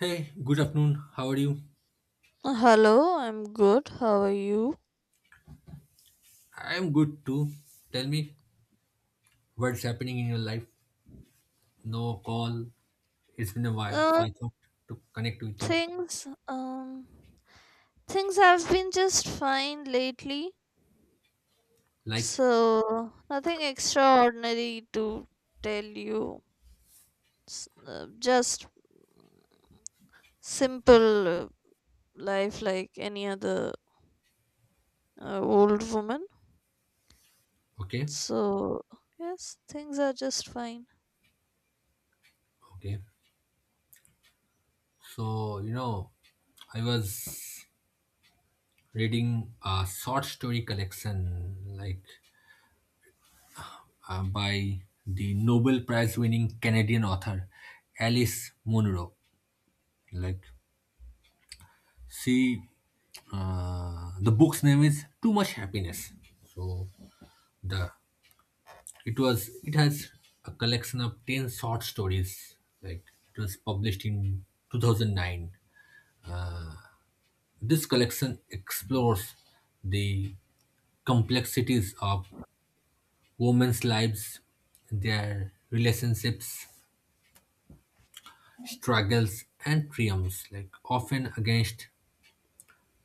Hey, good afternoon. How are you? Hello, I'm good. How are you? I'm good too. Tell me what's happening in your life. No call. It's been a while, so Uh, I thought to connect with you. things, um, things have been just fine lately, Like, so nothing extraordinary to tell you. Just simple life like any other old woman. okay, So, yes, things are just fine. okay. So, I was reading a short story collection, like by the Nobel Prize winning Canadian author Alice Munro. Like, she the book's name is Too Much Happiness. So the It was it has a collection of 10 short stories. Like it was published in 2009. This collection explores the complexities of women's lives, their relationships, struggles, and triumphs, like often against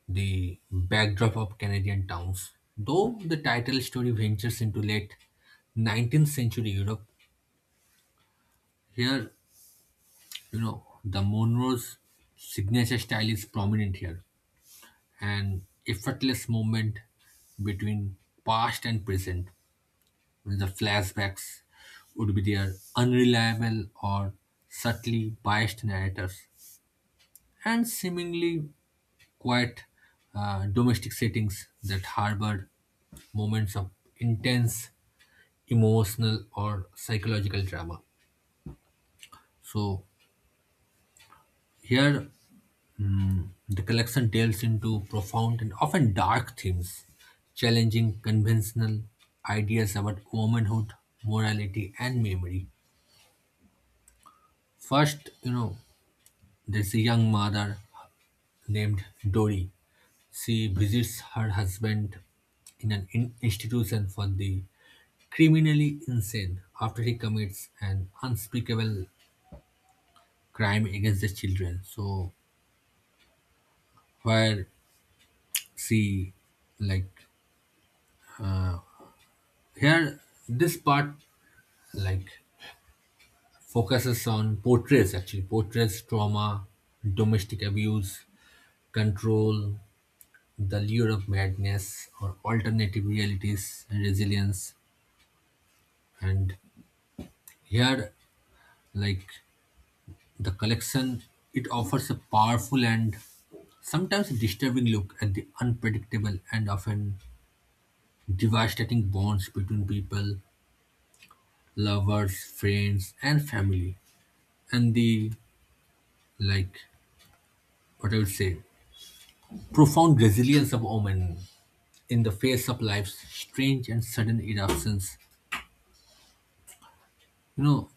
the backdrop of Canadian towns. Though the title story ventures into late 19th century Europe, here, the Monroe's signature style is prominent here, an effortless movement between past and present, the flashbacks would be their unreliable or subtly biased narrators, and seemingly quiet domestic settings that harbored moments of intense emotional or psychological drama. So here. Hmm. The collection delves into profound and often dark themes, challenging conventional ideas about womanhood, morality, and memory. First, there's a young mother named Dory. She visits her husband in an institution for the criminally insane after he commits an unspeakable crime against the children. So, where she, like, here, this part, like, focuses on, portrays, actually portrays trauma, domestic abuse, control, the lure of madness or alternative realities, and resilience. And here, like, the collection, it offers a powerful and sometimes disturbing look at the unpredictable and often devastating bonds between people, lovers, friends, and family. And the, like, what I would say, profound resilience of women in the face of life's strange and sudden eruptions. You know,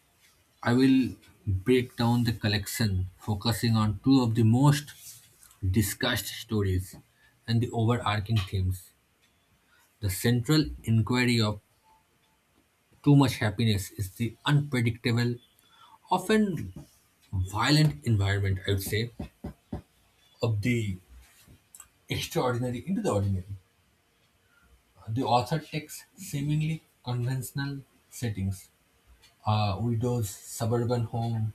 I will break down the collection, focusing on two of the most discussed stories and the overarching themes. The central inquiry of Too Much Happiness is the unpredictable, often violent environment, I would say, of the extraordinary into the ordinary. The author takes seemingly conventional settings, a widow's suburban home,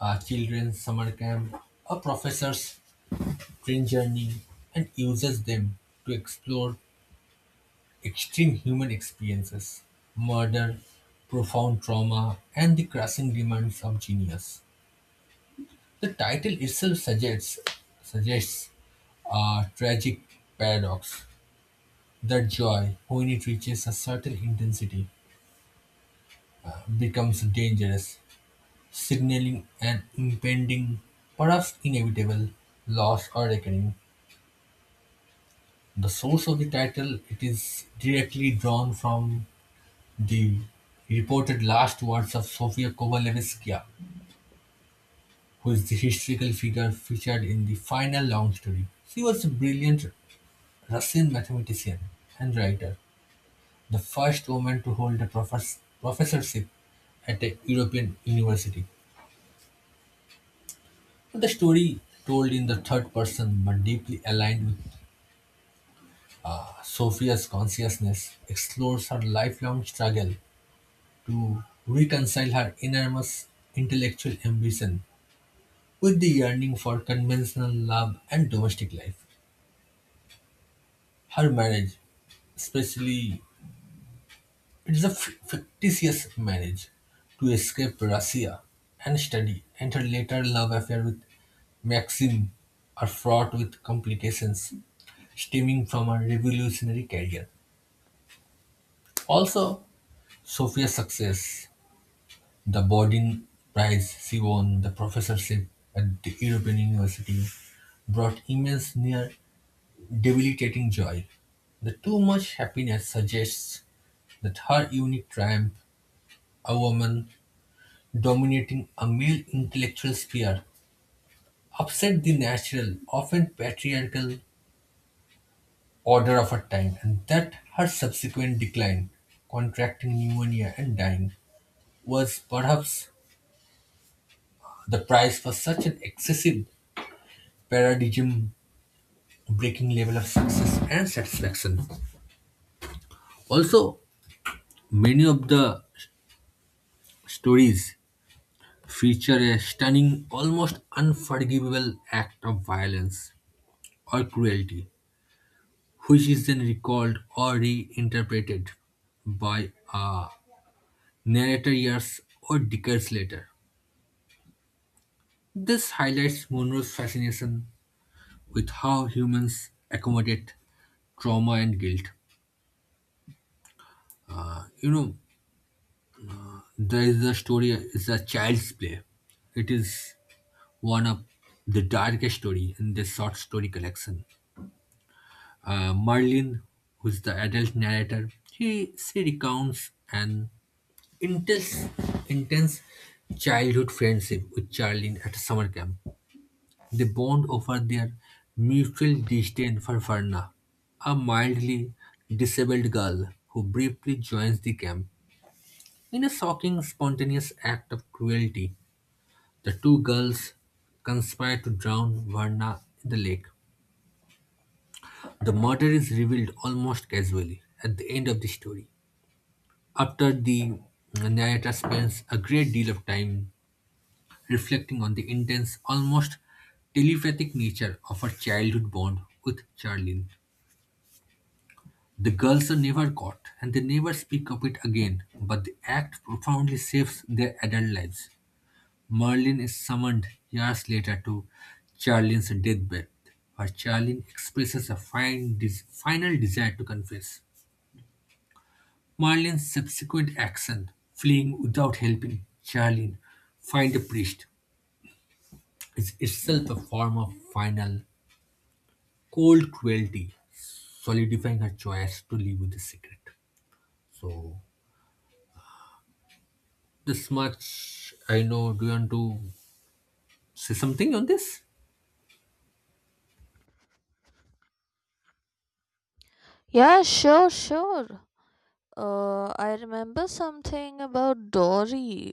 a children's summer camp, a professor's train journey, and uses them to explore extreme human experiences, murder, profound trauma, and the crushing demands of genius. The title itself suggests a tragic paradox that joy, when it reaches a certain intensity, becomes dangerous, signaling an impending, perhaps inevitable, loss or reckoning. The source of the title, it is directly drawn from the reported last words of Sofia Kovalevskaya, who is the historical figure featured in the final long story. She was a brilliant Russian mathematician and writer, the first woman to hold a professorship at a European university. The story, told in the third person but deeply aligned with Sophia's consciousness, explores her lifelong struggle to reconcile her enormous intellectual ambition with the yearning for conventional love and domestic life. Her marriage, especially, it is a fictitious marriage to escape Russia and study, and her later love affair with Maxim are fraught with complications stemming from her revolutionary career. Also, Sophia's success, the Bodin Prize she won, the professorship at the European University, brought immense near debilitating joy. The Too Much Happiness suggests that her unique triumph, a woman dominating a male intellectual sphere, upset the natural, often patriarchal order of her time, and that her subsequent decline, contracting pneumonia and dying, was perhaps the price for such an excessive paradigm breaking level of success and satisfaction. Also, many of the stories feature a stunning, almost unforgivable act of violence or cruelty, which is then recalled or reinterpreted by a narrator years or decades later. This highlights Monroe's fascination with how humans accommodate trauma and guilt. You know, there is a story, it's a child's play. It is one of the darkest story in this short story collection. Merlin, who's the adult narrator, he she recounts an intense, intense childhood friendship with Charlene at a summer camp. They bond over their mutual disdain for Verna, a mildly disabled girl who briefly joins the camp. In a shocking, spontaneous act of cruelty, the two girls conspire to drown Verna in the lake. The murder is revealed almost casually at the end of the story, after the narrator spends a great deal of time reflecting on the intense, almost telepathic nature of her childhood bond with Charlene. The girls are never caught and they never speak of it again, but the act profoundly saves their adult lives. Merlin is summoned years later to Charlene's deathbed, where Charlene expresses a final desire to confess. Marlene's subsequent action, fleeing without helping Charlene find a priest, is itself a form of final cold cruelty, solidifying her choice to live with the secret. So, this much I know. Do you want to say something on this? Yeah, sure, sure. I remember something about Dory.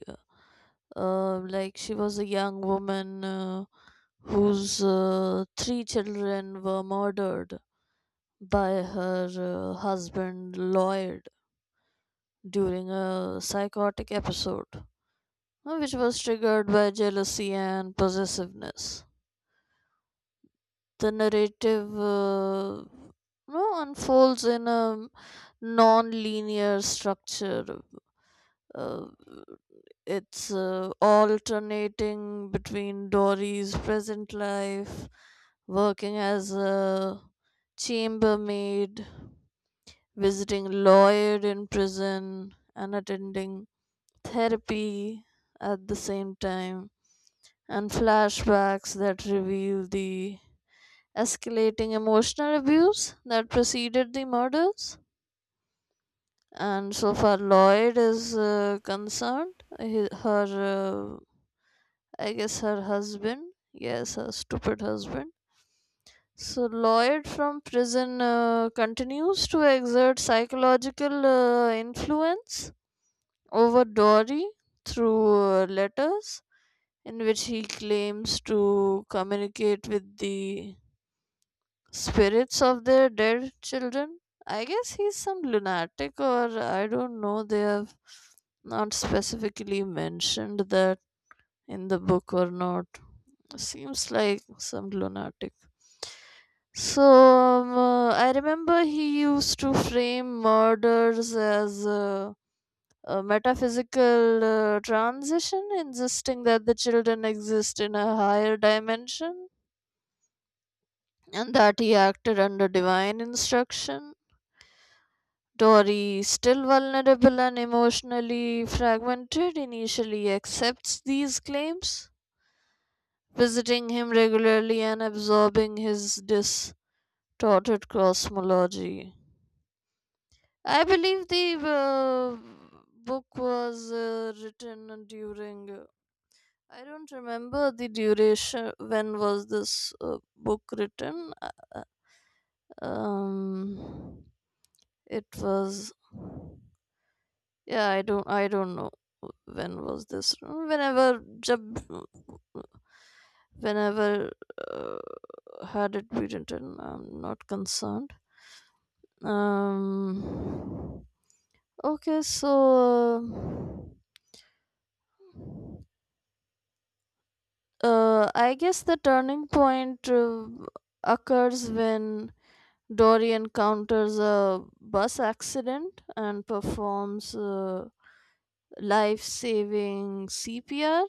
Like she was a young woman whose three children were murdered by her husband Lloyd during a psychotic episode, which was triggered by jealousy and possessiveness. The narrative no, unfolds in a non linear structure, uh, it's alternating between Dory's present life, working as a chambermaid, visiting Lloyd in prison, and attending therapy at the same time, and flashbacks that reveal the escalating emotional abuse that preceded the murders. And so far, Lloyd is concerned. His, her I guess her husband. Yes, her stupid husband. So Lloyd from prison continues to exert psychological influence over Dory through letters in which he claims to communicate with the spirits of their dead children. I guess he's some lunatic or I don't know. They have not specifically mentioned that in the book or not. Seems like some lunatic. I remember he used to frame murders as a metaphysical transition, insisting that the children exist in a higher dimension and that he acted under divine instruction. Dory, still vulnerable and emotionally fragmented, initially accepts these claims, visiting him regularly and absorbing his dis Dotted cosmology. I believe the book was written during. I don't remember the duration. When was this book written? Uh, Um, it was. Yeah, I don't. I don't know when was this. Whenever jab, whenever uh, had it been written. I'm not concerned. Um. Okay, so I guess the turning point occurs when Dory encounters a bus accident and performs life saving CPR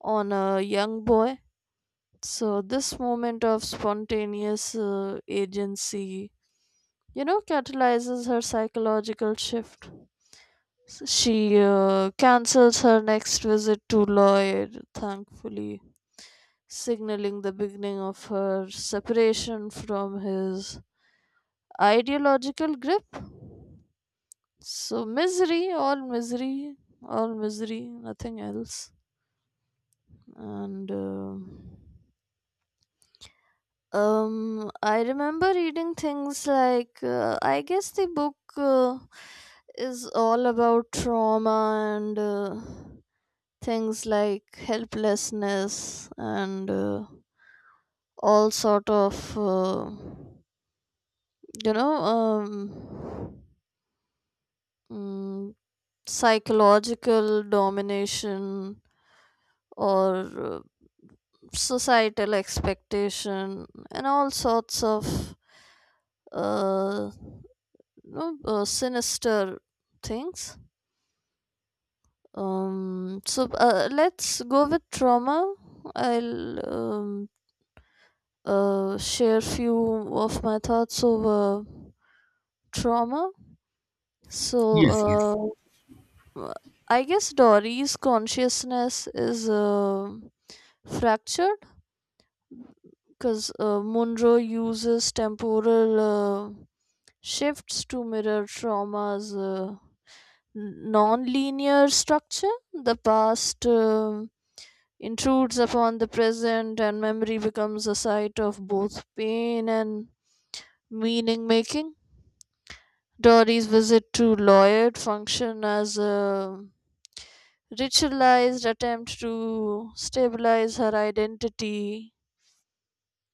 on a young boy. So, this moment of spontaneous agency, you know, catalyzes her psychological shift. She cancels her next visit to Lloyd, thankfully signaling the beginning of her separation from his ideological grip. So, misery, all misery, all misery, nothing else. And I remember reading things like I guess the book is all about trauma and things like helplessness and all sort of. You know um mm, Psychological domination or societal expectation and all sorts of uh, sinister things. Let's go with trauma. I'll share few of my thoughts over trauma. so Yes, yes. uh, Uh, I guess Dory's consciousness is fractured because Munro uses temporal shifts to mirror trauma's non-linear structure. The past intrudes upon the present, and memory becomes a site of both pain and meaning making. Dory's visit to Lloyd function as a ritualized attempt to stabilize her identity,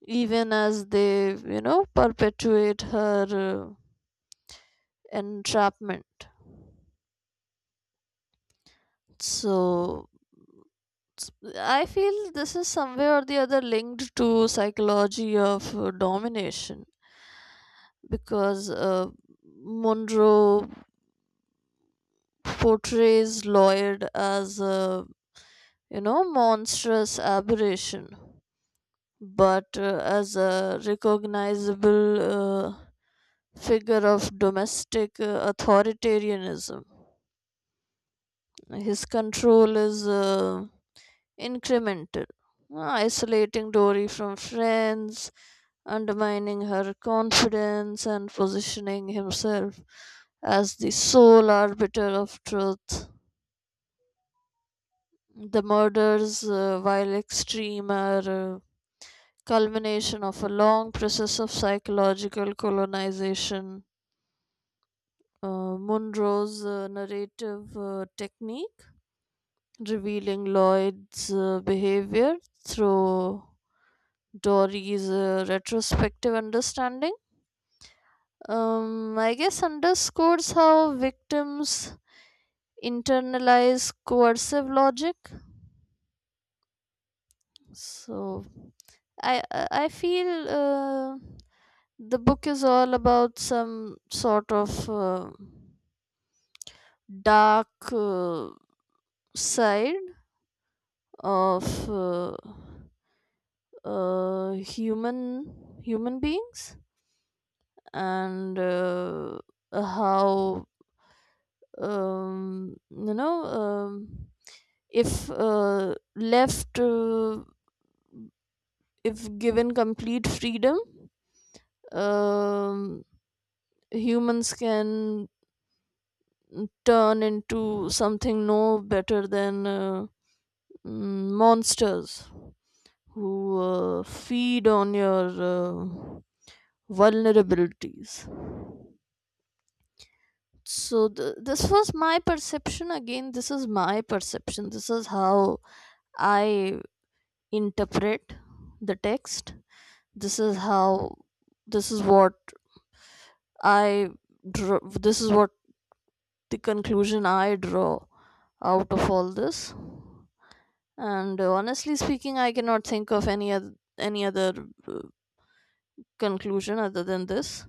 even as they, you know, perpetuate her entrapment. So, I feel this is somewhere or the other linked to psychology of domination because Monroe portrays Lloyd as a, you know, monstrous aberration but as a recognizable figure of domestic authoritarianism. His control is incremental, isolating Dory from friends, undermining her confidence, and positioning himself as the sole arbiter of truth. The murders, while extreme, are culmination of a long process of psychological colonization. Monroe's narrative technique, revealing Lloyd's behavior through Dory's retrospective understanding. I guess underscores how victims internalize coercive logic. So I feel the book is all about some sort of dark side of. Human beings and how um, you know um, if left if given complete freedom, um, humans can turn into something no better than monsters who feed on your uh, vulnerabilities. So this was my perception. Again, this is my perception, this is how I interpret the text, this is how, this is what I draw, this is what the conclusion I draw out of all this. And honestly speaking, I cannot think of any other, any other uh, conclusion other than this.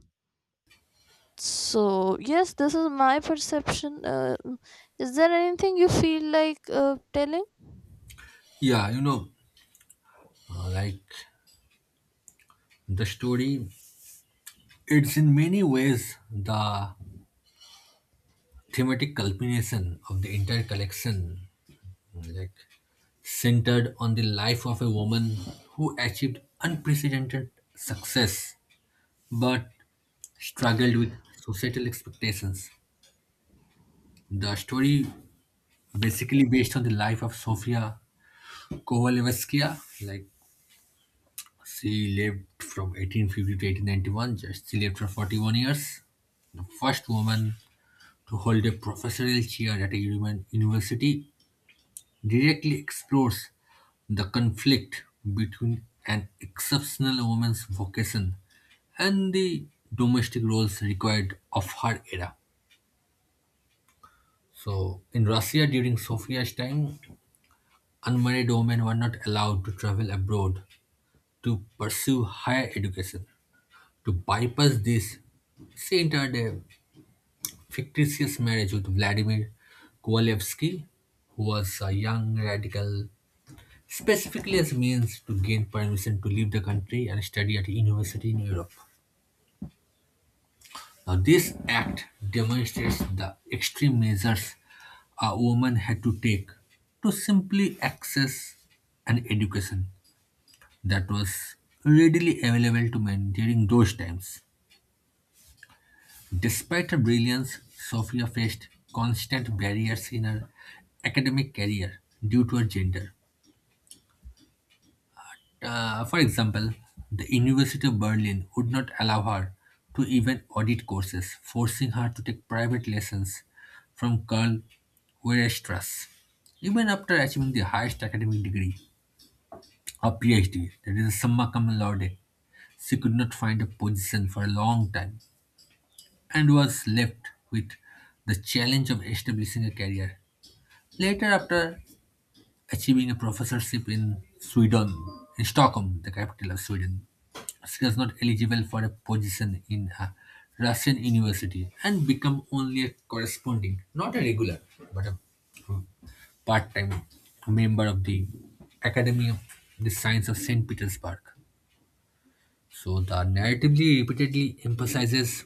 So yes, this is my perception. Is there anything you feel like telling? Yeah, like, the story, it's in many ways the thematic culmination of the entire collection. Like, centered on the life of a woman who achieved unprecedented success but struggled with societal expectations. The story basically based on the life of Sofia Kovalevskaya. Like she lived from 1850 to 1891. Just she lived for 41 years. The first woman to hold a professorial chair at a university directly explores the conflict between an exceptional woman's vocation and the domestic roles required of her era. So, in Russia during Sophia's time, unmarried women were not allowed to travel abroad to pursue higher education. To bypass this, she entered a fictitious marriage with Vladimir Kovalevsky, who was a young radical, specifically as means to gain permission to leave the country and study at a university in Europe. Now, this act demonstrates the extreme measures a woman had to take to simply access an education that was readily available to men during those times. Despite her brilliance, Sophia faced constant barriers in her academic career due to her gender. For example, the University of Berlin would not allow her to even audit courses, forcing her to take private lessons from Karl Weierstrass. Even after achieving the highest academic degree, a PhD, that is a summa cum laude, she could not find a position for a long time and was left with the challenge of establishing a career. Later, after achieving a professorship in Sweden, in Stockholm, the capital of Sweden, she was not eligible for a position in a Russian university and became only a corresponding, not a regular, but a part-time member of the Academy of the Science of St. Petersburg. So the narratively repeatedly emphasizes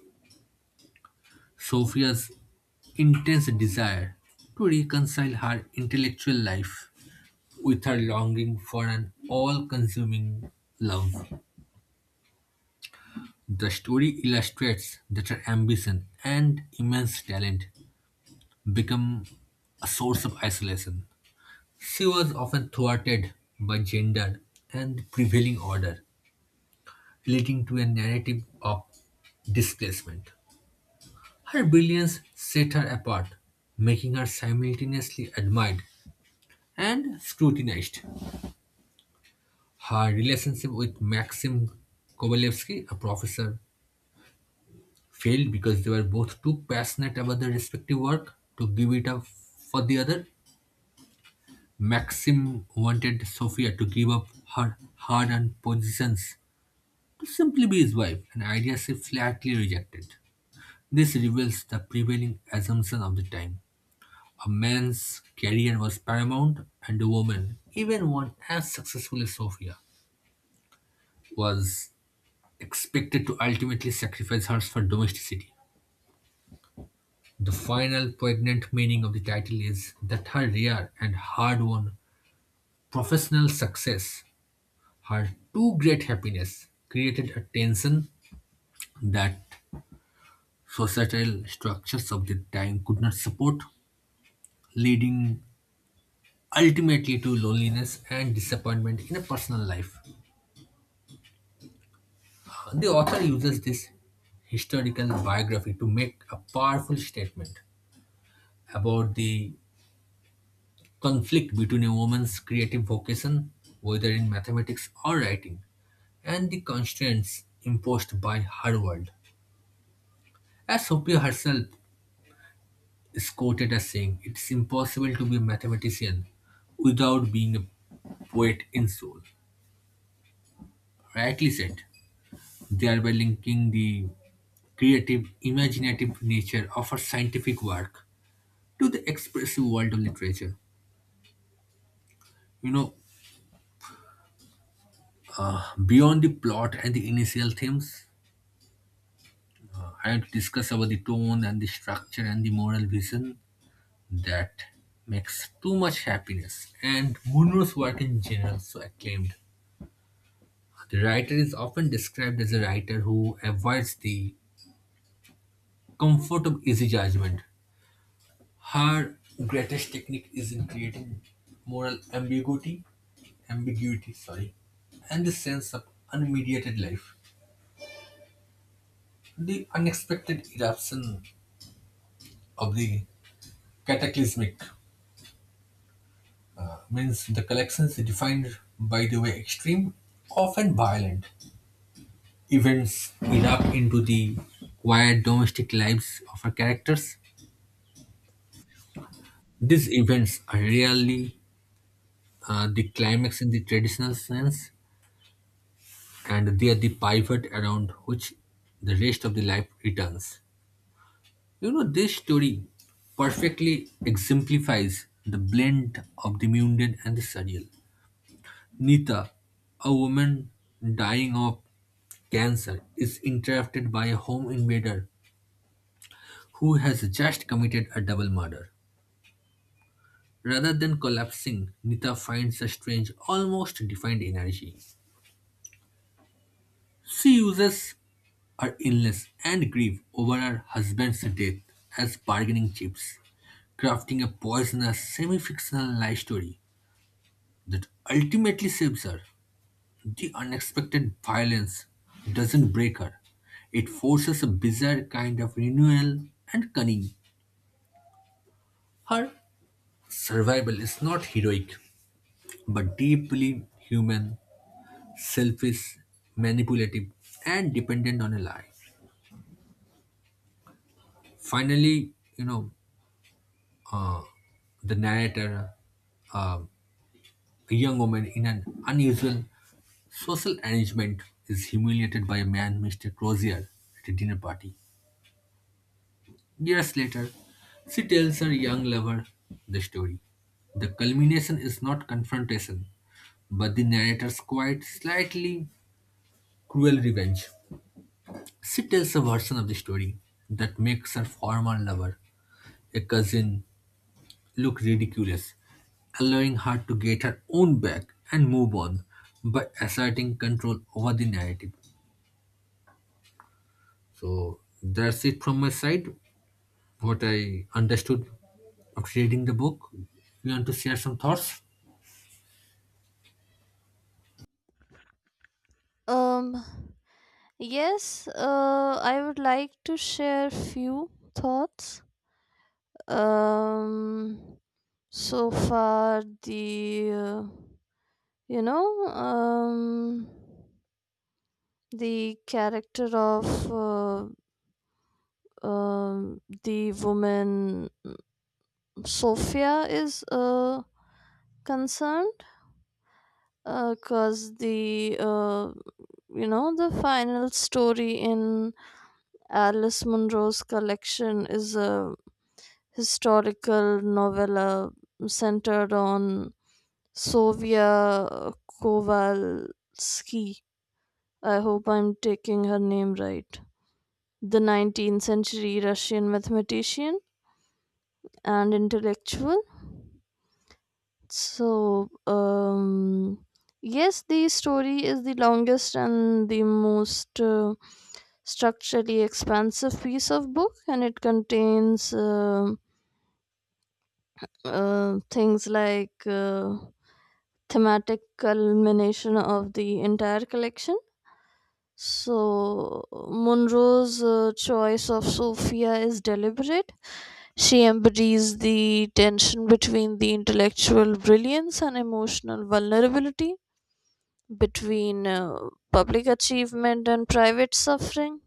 Sophia's intense desire to reconcile her intellectual life with her longing for an all consuming love. The story illustrates that her ambition and immense talent become a source of isolation. She was often thwarted by gender and the prevailing order, leading to a narrative of displacement. Her brilliance set her apart, making her simultaneously admired and scrutinized. Her relationship with Maxim Kovalevsky, a professor, failed because they were both too passionate about their respective work to give it up for the other. Maxim wanted Sophia to give up her hard earned positions to simply be his wife, an idea she flatly rejected. This reveals the prevailing assumption of the time. A man's career was paramount, and a woman, even one as successful as Sophia, was expected to ultimately sacrifice hers for domesticity. The final poignant meaning of the title is that her rare and hard won professional success, her too great happiness, created a tension that societal structures of the time could not support, leading ultimately to loneliness and disappointment in a personal life. The author uses this historical biography to make a powerful statement about the conflict between a woman's creative vocation, whether in mathematics or writing, and the constraints imposed by her world. As Sophia herself is quoted as saying, it's impossible to be a mathematician without being a poet in soul. Rightly said, thereby linking the creative, imaginative nature of her scientific work to the expressive world of literature. You know, beyond the plot and the initial themes, I had discussed about the tone and the structure and the moral vision that makes Too Much Happiness and Munro's work in general so acclaimed. The writer is often described as a writer who avoids the comfort of easy judgment. Her greatest technique is in creating moral ambiguity, sorry, and the sense of unmediated life. The unexpected eruption of the cataclysmic means the collections is defined by the way extreme, often violent events erupt into the quiet domestic lives of our characters. These events are rarely the climax in the traditional sense, and they are the pivot around which the rest of the life returns. This story perfectly exemplifies the blend of the mundane and the surreal. Nita, a woman dying of cancer is interrupted by a home invader who has just committed a double murder. Rather than collapsing, Nita finds a strange, almost defined energy. She uses her illness and grief over her husband's death as bargaining chips, crafting a poisonous, semi fictional lie story that ultimately saves her. The unexpected violence doesn't break her, it forces a bizarre kind of renewal and cunning. Her survival is not heroic, but deeply human, selfish, manipulative, and dependent on a lie. Finally, uh, the narrator, uh, a young woman in an unusual social arrangement, is humiliated by a man, Mr. Crozier, at a dinner party. Years later, she tells her young lover the story. The culmination is not confrontation, but the narrator's quite slightly cruel revenge. She tells a version of the story that makes her former lover, a cousin, look ridiculous, allowing her to get her own back and move on by asserting control over the narrative. So that's it from my side, what I understood after reading the book. You want to share some thoughts? Um, yes, I would like to share few thoughts. Um, so far the you know um the character of the woman Sophia is concerned, because the, you know, the final story in Alice Munro's collection is a historical novella centered on Sofia Kovalsky. I hope I'm taking her name right. The 19th century Russian mathematician and intellectual. So, yes, the story is the longest and the most structurally expansive piece of book, and it contains. Things like thematic culmination of the entire collection. So, Munro's choice of Sophia is deliberate. She embodies the tension between the intellectual brilliance and emotional vulnerability, between public achievement and private suffering,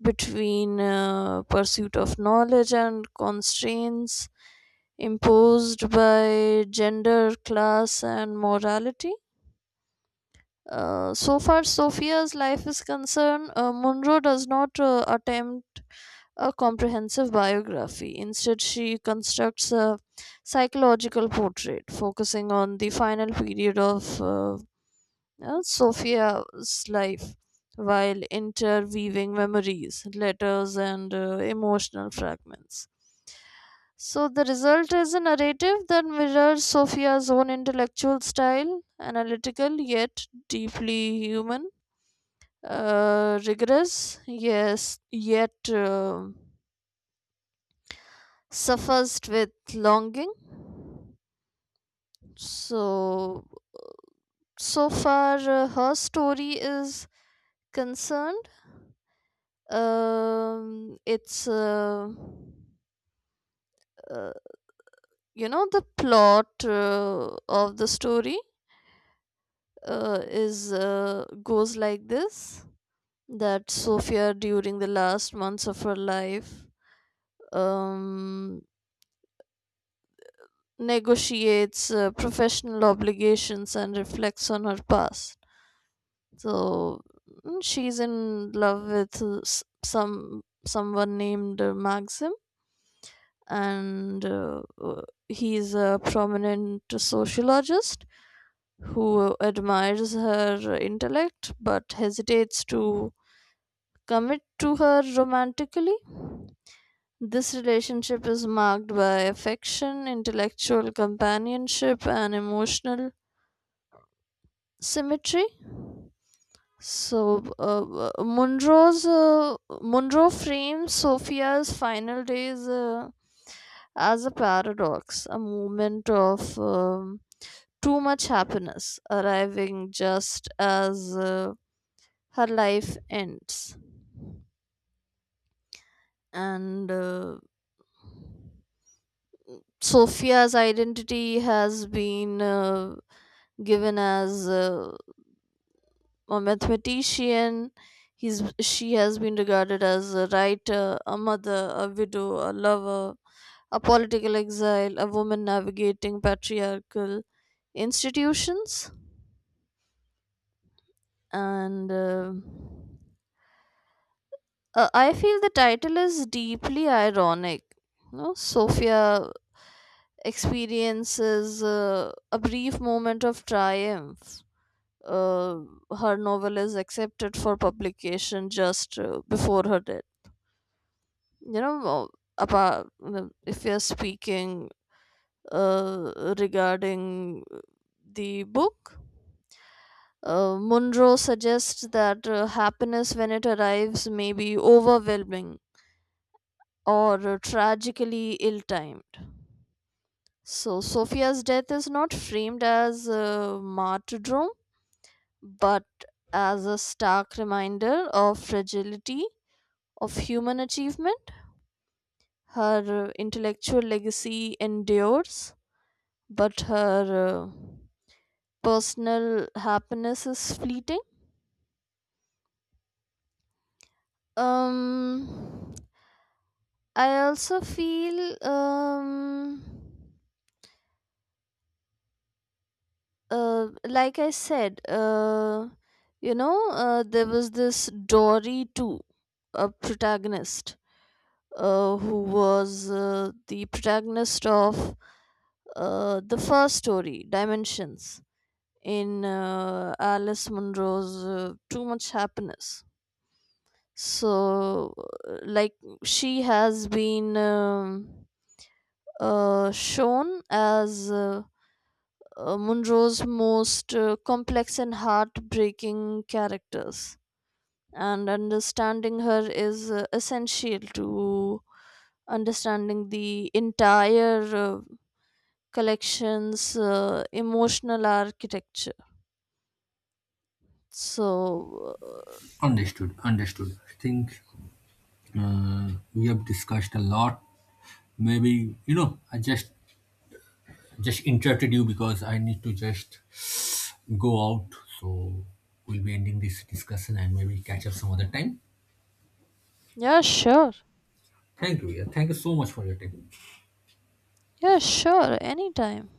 between pursuit of knowledge and constraints imposed by gender, class, and morality. So far, Sophia's life is concerned, Munro does not attempt a comprehensive biography. Instead, she constructs a psychological portrait, focusing on the final period of Sophia's life while interweaving memories, letters, and emotional fragments. So, the result is a narrative that mirrors Sophia's own intellectual style, analytical yet deeply human, rigorous, yes, yet suffused with longing. So, uh, so far, her story is concerned. It's, uh, you know, the plot of the story is goes like this, that Sophia during the last months of her life um negotiates professional obligations and reflects on her past. So, she's in love with someone named Maxim, and he's a prominent sociologist who admires her intellect but hesitates to commit to her romantically. This relationship is marked by affection, intellectual companionship, and emotional symmetry. So, uh, uh, Munro's uh, Munro frames Sophia's final days as a paradox, a moment of too much happiness, arriving just as her life ends. And Sophia's identity has been given as a mathematician. He's, she has been regarded as a writer, a mother, a widow, a lover, a political exile, a woman navigating patriarchal institutions. And I feel the title is deeply ironic. No, Sophia experiences a brief moment of triumph. Uh, Her novel is accepted for publication just before her death. You know, about, if you're speaking uh, regarding the book, Munro suggests that happiness, when it arrives, may be overwhelming or tragically ill timed. So, Sophia's death is not framed as a martyrdom but as a stark reminder of fragility of human achievement. Her intellectual legacy endures, but her personal happiness is fleeting. Um, I also feel, like I said, there was this Dory too, a protagonist, who was the protagonist of the first story, Dimensions, in Alice Munro's Too Much Happiness. So, like, she has been shown as Munro's most complex and heartbreaking characters, and understanding her is essential to understanding the entire collection's emotional architecture. So, Understood, understood. I think we have discussed a lot. Maybe, I just interrupted you because I need to just go out. So we'll be ending this discussion and maybe catch up some other time. yeah, sure. Thank you. Yeah. Thank you so much for your time. Yeah, sure. Anytime.